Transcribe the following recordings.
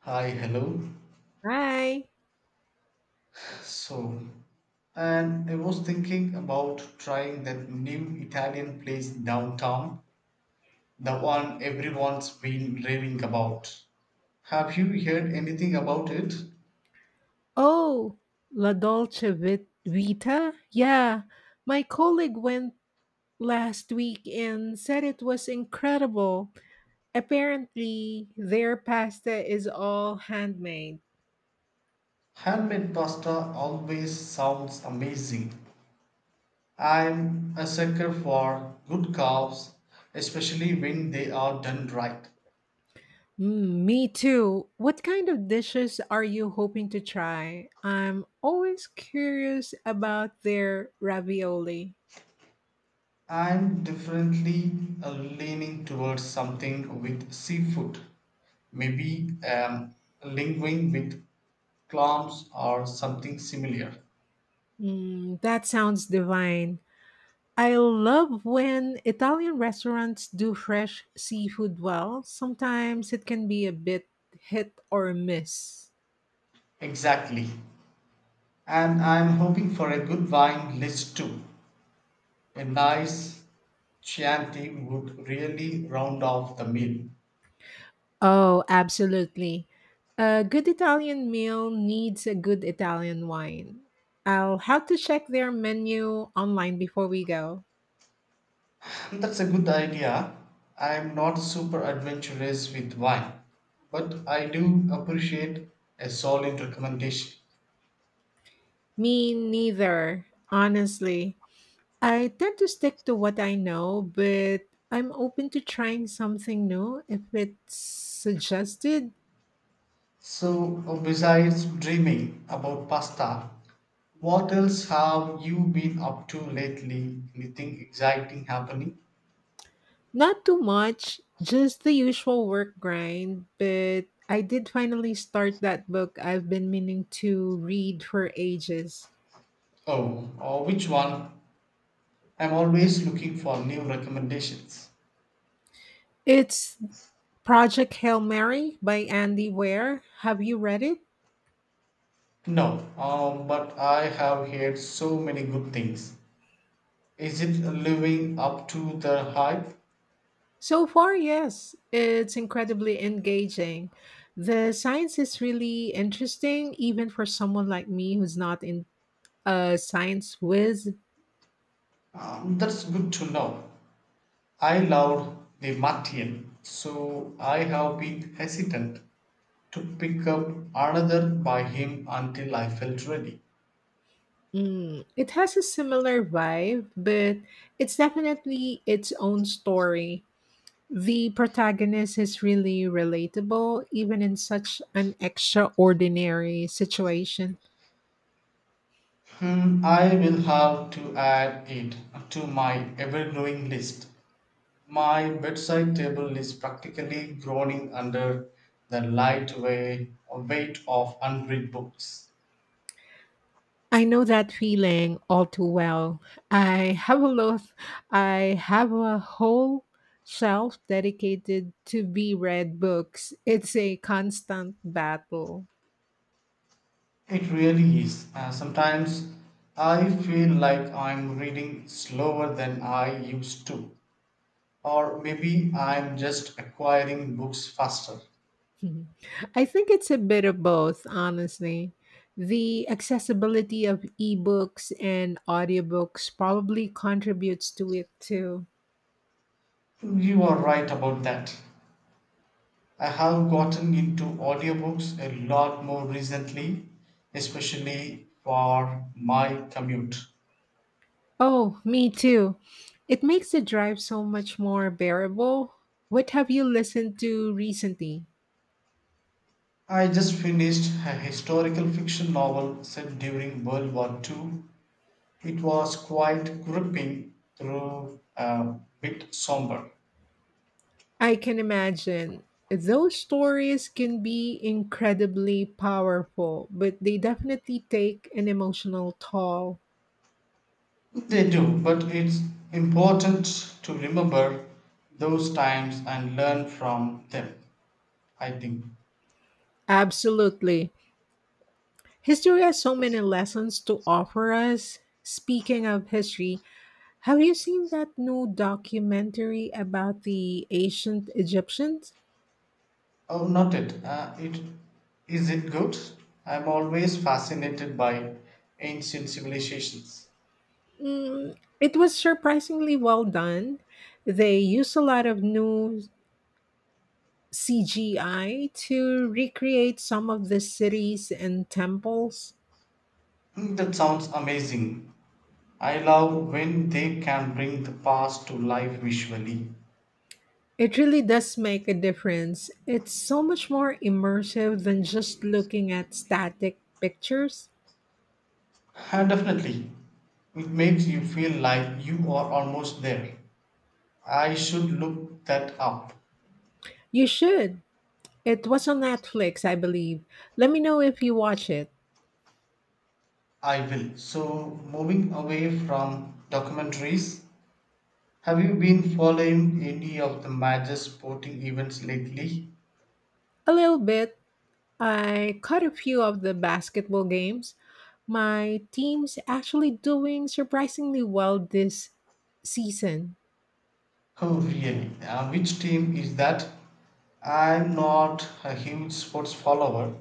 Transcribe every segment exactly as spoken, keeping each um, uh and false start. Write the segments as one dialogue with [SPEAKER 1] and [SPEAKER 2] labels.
[SPEAKER 1] Hi, hello.
[SPEAKER 2] Hi.
[SPEAKER 1] So, and I was thinking about trying that new Italian place downtown, the one everyone's been raving about. Have you heard anything about it?
[SPEAKER 2] Oh, La Dolce Vit- Vita? Yeah, my colleague went last week and said it was incredible. Apparently, their pasta is all handmade.
[SPEAKER 1] Handmade pasta always sounds amazing. I'm a sucker for good calves, especially when they are done right.
[SPEAKER 2] Mm, me too. What kind of dishes are you hoping to try? I'm always curious about their ravioli.
[SPEAKER 1] I'm definitely uh, leaning towards something with seafood, maybe um, linguine with clams or something similar.
[SPEAKER 2] Mm, that sounds divine. I love when Italian restaurants do fresh seafood well. Sometimes it can be a bit hit or miss.
[SPEAKER 1] Exactly. And I'm hoping for a good wine list too. A nice Chianti would really round off the meal.
[SPEAKER 2] Oh, absolutely. A good Italian meal needs a good Italian wine. I'll have to check their menu online before we go.
[SPEAKER 1] That's a good idea. I'm not super adventurous with wine, but I do appreciate a solid recommendation.
[SPEAKER 2] Me neither, honestly. I tend to stick to what I know, but I'm open to trying something new if it's suggested.
[SPEAKER 1] So, uh, besides dreaming about pasta, what else have you been up to lately? Anything exciting happening?
[SPEAKER 2] Not too much, just the usual work grind, but I did finally start that book I've been meaning to read for ages.
[SPEAKER 1] Oh, or which one? I'm always looking for new recommendations.
[SPEAKER 2] It's Project Hail Mary by Andy Weir. Have you read it?
[SPEAKER 1] No, um, but I have heard so many good things. Is it living up to the hype?
[SPEAKER 2] So far, yes. It's incredibly engaging. The science is really interesting, even for someone like me who's not in a science whiz.
[SPEAKER 1] Um, that's good to know. I loved the Martian, so I have been hesitant to pick up another by him until I felt ready.
[SPEAKER 2] Mm, it has a similar vibe, but it's definitely its own story. The protagonist is really relatable, even in such an extraordinary situation.
[SPEAKER 1] Hmm, I will have to add it to my ever growing list. My bedside table is practically groaning under the light way- weight of unread books.
[SPEAKER 2] I know that feeling all too well. I have a lot, I have a whole shelf dedicated to be read books. It's a constant battle.
[SPEAKER 1] It really is. Uh, sometimes I feel like I'm reading slower than I used to. Or maybe I'm just acquiring books faster.
[SPEAKER 2] Mhm. I think it's a bit of both, honestly. The accessibility of ebooks and audiobooks probably contributes to it too.
[SPEAKER 1] You are right about that. I have gotten into audiobooks a lot more recently, especially for my commute.
[SPEAKER 2] Oh, me too. It makes the drive so much more bearable. What have you listened to recently?
[SPEAKER 1] I just finished a historical fiction novel set during World War two. It was quite gripping, though a bit somber.
[SPEAKER 2] I can imagine. Those stories can be incredibly powerful, but they definitely take an emotional toll.
[SPEAKER 1] They do, but it's important to remember those times and learn from them, I think.
[SPEAKER 2] Absolutely. History has so many lessons to offer us. Speaking of history, have you seen that new documentary about the ancient Egyptians?
[SPEAKER 1] Oh, not it. Uh, it is it good? I'm always fascinated by ancient civilizations.
[SPEAKER 2] Mm, it was surprisingly well done. They used a lot of new C G I to recreate some of the cities and temples.
[SPEAKER 1] Mm, that sounds amazing. I love when they can bring the past to life visually.
[SPEAKER 2] It really does make a difference. It's so much more immersive than just looking at static pictures.
[SPEAKER 1] Uh, definitely, it makes you feel like you are almost there. I should look that up.
[SPEAKER 2] You should. It was on Netflix, I believe. Let me know if you watch it.
[SPEAKER 1] I will. So, moving away from documentaries, have you been following any of the major sporting events lately?
[SPEAKER 2] A little bit. I caught a few of the basketball games. My team's actually doing surprisingly well this season.
[SPEAKER 1] Oh, really? Uh, which team is that? I'm not a huge sports follower,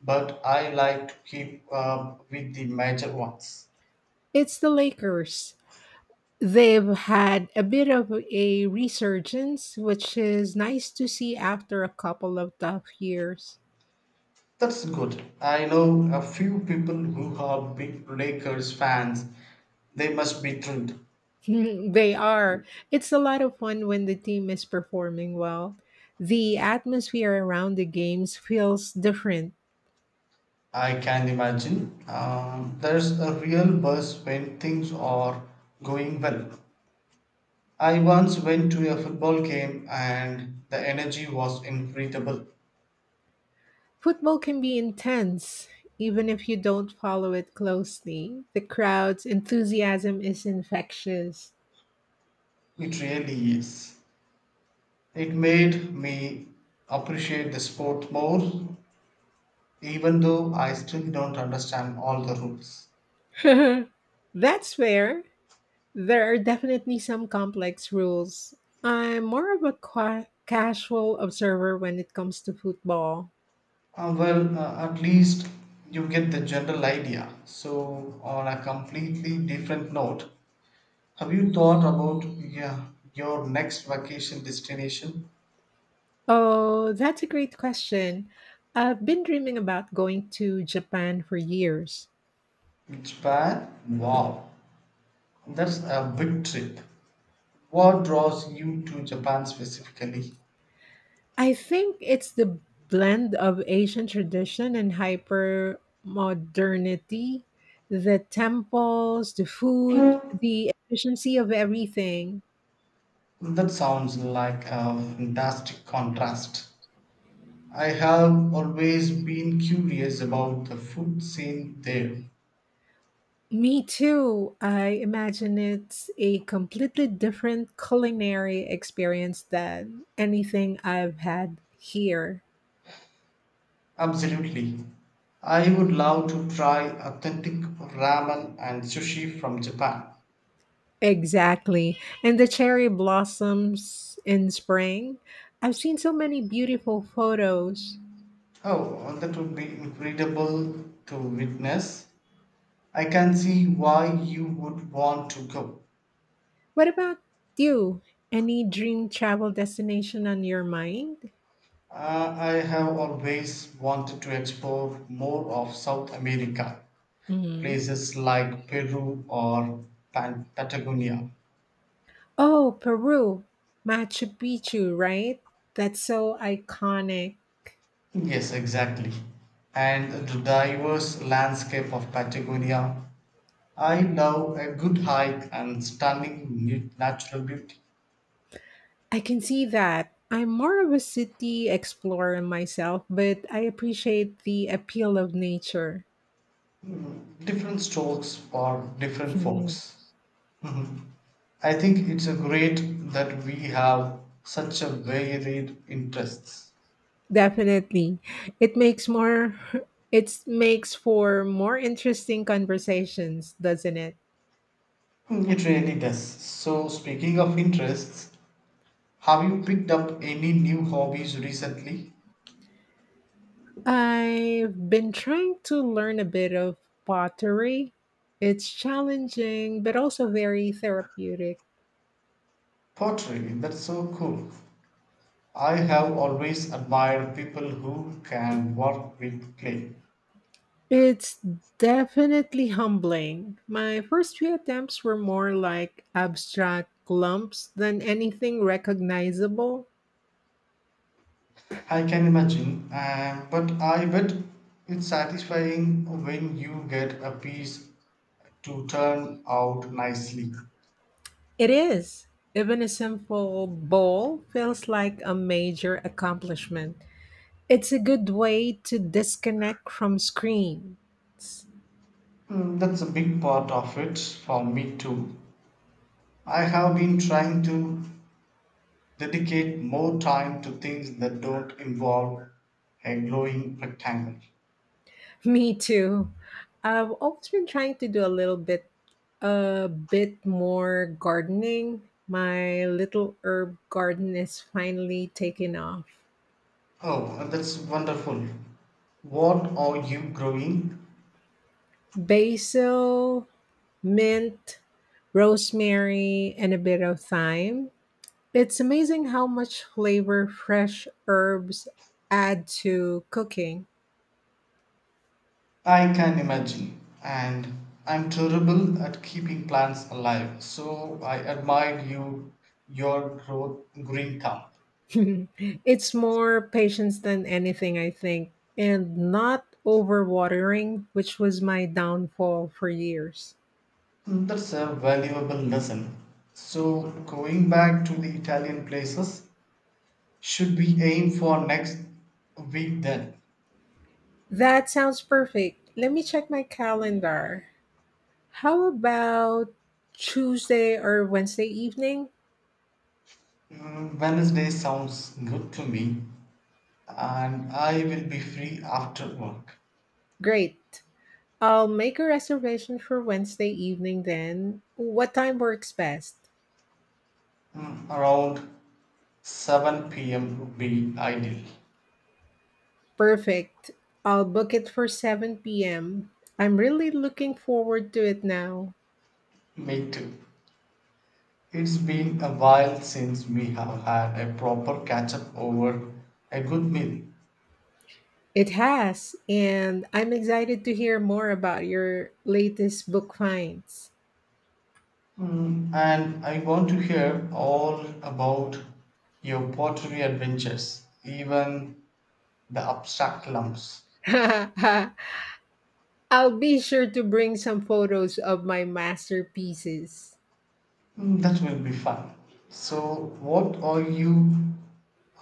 [SPEAKER 1] but I like to keep up with the major ones.
[SPEAKER 2] It's the Lakers. They've had a bit of a resurgence, which is nice to see after a couple of tough years.
[SPEAKER 1] That's good. I know a few people who are big Lakers fans. They must be thrilled.
[SPEAKER 2] They are. It's a lot of fun when the team is performing well. The atmosphere around the games feels different.
[SPEAKER 1] I can imagine. Um, there's a real buzz when things are going well. I once went to a football game and the energy was incredible.
[SPEAKER 2] Football can be intense, even if you don't follow it closely. The crowd's enthusiasm is infectious.
[SPEAKER 1] It really is. It made me appreciate the sport more, even though I still don't understand all the rules.
[SPEAKER 2] That's fair. There are definitely some complex rules. I'm more of a qua casual observer when it comes to football.
[SPEAKER 1] Uh, well, uh, at least you get the general idea. So, on a completely different note, have you thought about, yeah, your next vacation destination?
[SPEAKER 2] Oh, that's a great question. I've been dreaming about going to Japan for years.
[SPEAKER 1] Japan? Wow, that's a big trip. What draws you to Japan specifically?
[SPEAKER 2] I think it's the blend of Asian tradition and hyper modernity, the temples, the food, the efficiency of everything.
[SPEAKER 1] That sounds like a fantastic contrast. I have always been curious about the food scene there.
[SPEAKER 2] Me too. I imagine it's a completely different culinary experience than anything I've had here.
[SPEAKER 1] Absolutely. I would love to try authentic ramen and sushi from Japan.
[SPEAKER 2] Exactly. And the cherry blossoms in spring. I've seen so many beautiful photos.
[SPEAKER 1] Oh, that would be incredible to witness. I can see why you would want to go.
[SPEAKER 2] What about you? Any dream travel destination on your mind?
[SPEAKER 1] Uh, I have always wanted to explore more of South America,
[SPEAKER 2] Hmm.
[SPEAKER 1] places like Peru or Pan- Patagonia.
[SPEAKER 2] Oh, Peru, Machu Picchu, right? That's so iconic.
[SPEAKER 1] Yes, exactly. And the diverse landscape of Patagonia. I love a good hike and stunning nat- natural beauty.
[SPEAKER 2] I can see that. I'm more of a city explorer myself, but I appreciate the appeal of nature.
[SPEAKER 1] Different strokes for different folks. Mhm. I think it's a great that we have such a varied interests.
[SPEAKER 2] Definitely. It makes more it makes for more interesting conversations, doesn't it?
[SPEAKER 1] Hmm, it really does. So, speaking of interests, have you picked up any new hobbies recently?
[SPEAKER 2] I've been trying to learn a bit of pottery. It's challenging but also very therapeutic.
[SPEAKER 1] Pottery, that's so cool. I have always admired people who can work with clay.
[SPEAKER 2] It's definitely humbling. My first few attempts were more like abstract lumps than anything recognizable.
[SPEAKER 1] I can imagine, uh, but I bet it's satisfying when you get a piece to turn out nicely.
[SPEAKER 2] It is. Even a simple bowl feels like a major accomplishment. It's a good way to disconnect from screens.
[SPEAKER 1] Mm, that's a big part of it for me too. I have been trying to dedicate more time to things that don't involve a glowing rectangle.
[SPEAKER 2] Me too. I've always been trying to do a little bit a bit more gardening. My little herb garden is finally taking off.
[SPEAKER 1] Oh, that's wonderful. What are you growing?
[SPEAKER 2] Basil, mint, rosemary, and a bit of thyme. It's amazing how much flavor fresh herbs add to cooking.
[SPEAKER 1] I can imagine. And I'm terrible at keeping plants alive, so I admire you, your growth, green thumb.
[SPEAKER 2] It's more patience than anything, I think, and not overwatering, which was my downfall for years.
[SPEAKER 1] Mm, that's a valuable lesson. So, going back to the Italian places, should we aim for next week then?
[SPEAKER 2] That sounds perfect. Let me check my calendar. How about Tuesday or Wednesday evening?
[SPEAKER 1] Mm, Wednesday sounds good to me, and I will be free after work.
[SPEAKER 2] Great. I'll make a reservation for Wednesday evening then. What time works best?
[SPEAKER 1] Mm, around seven p m would be ideal.
[SPEAKER 2] Perfect. I'll book it for seven p m. I'm really looking forward to it now.
[SPEAKER 1] Me too. It's been a while since we have had a proper catch up over a good meal.
[SPEAKER 2] It has, and I'm excited to hear more about your latest book finds.
[SPEAKER 1] Mm, and I want to hear all about your pottery adventures, even the abstract lumps.
[SPEAKER 2] I'll be sure to bring some photos of my masterpieces.
[SPEAKER 1] Mm, that will be fun. So, what are you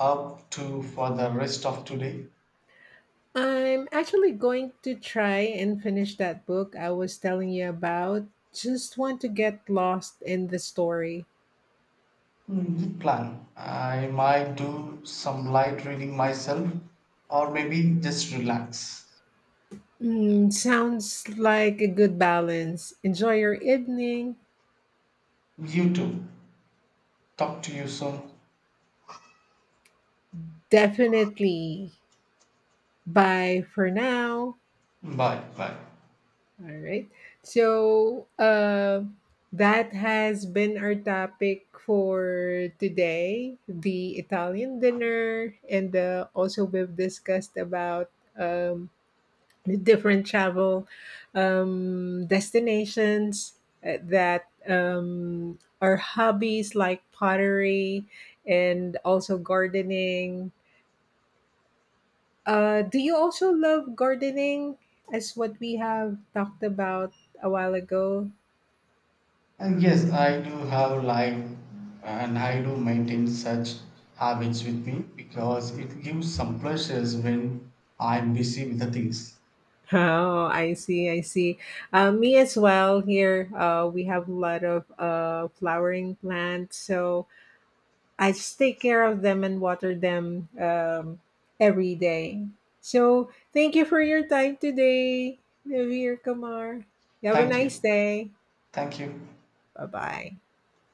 [SPEAKER 1] up to for the rest of today?
[SPEAKER 2] I'm actually going to try and finish that book I was telling you about. Just want to get lost in the story.
[SPEAKER 1] Mm, good plan. I might do some light reading myself or maybe just relax.
[SPEAKER 2] Mm, sounds like a good balance. Enjoy your evening.
[SPEAKER 1] You too. Talk to you soon.
[SPEAKER 2] Definitely. Bye for now.
[SPEAKER 1] Bye. Bye.
[SPEAKER 2] All right. So uh, that has been our topic for today, the Italian dinner. And uh, also, we've discussed about um, the different travel um, destinations, uh, that um, are hobbies like pottery and also gardening. Uh, do you also love gardening as what we have talked about a while ago?
[SPEAKER 1] And yes, I do have life and I do maintain such habits with me because it gives some pleasures when I'm busy with the things.
[SPEAKER 2] Oh, I see, I see. Uh, me as well. Here, uh, we have a lot of uh, flowering plants, so I just take care of them and water them um, every day. So, thank you for your time today, Javier Kamar. You have a
[SPEAKER 1] Thank
[SPEAKER 2] nice
[SPEAKER 1] you.
[SPEAKER 2] day.
[SPEAKER 1] Thank you.
[SPEAKER 2] Bye bye.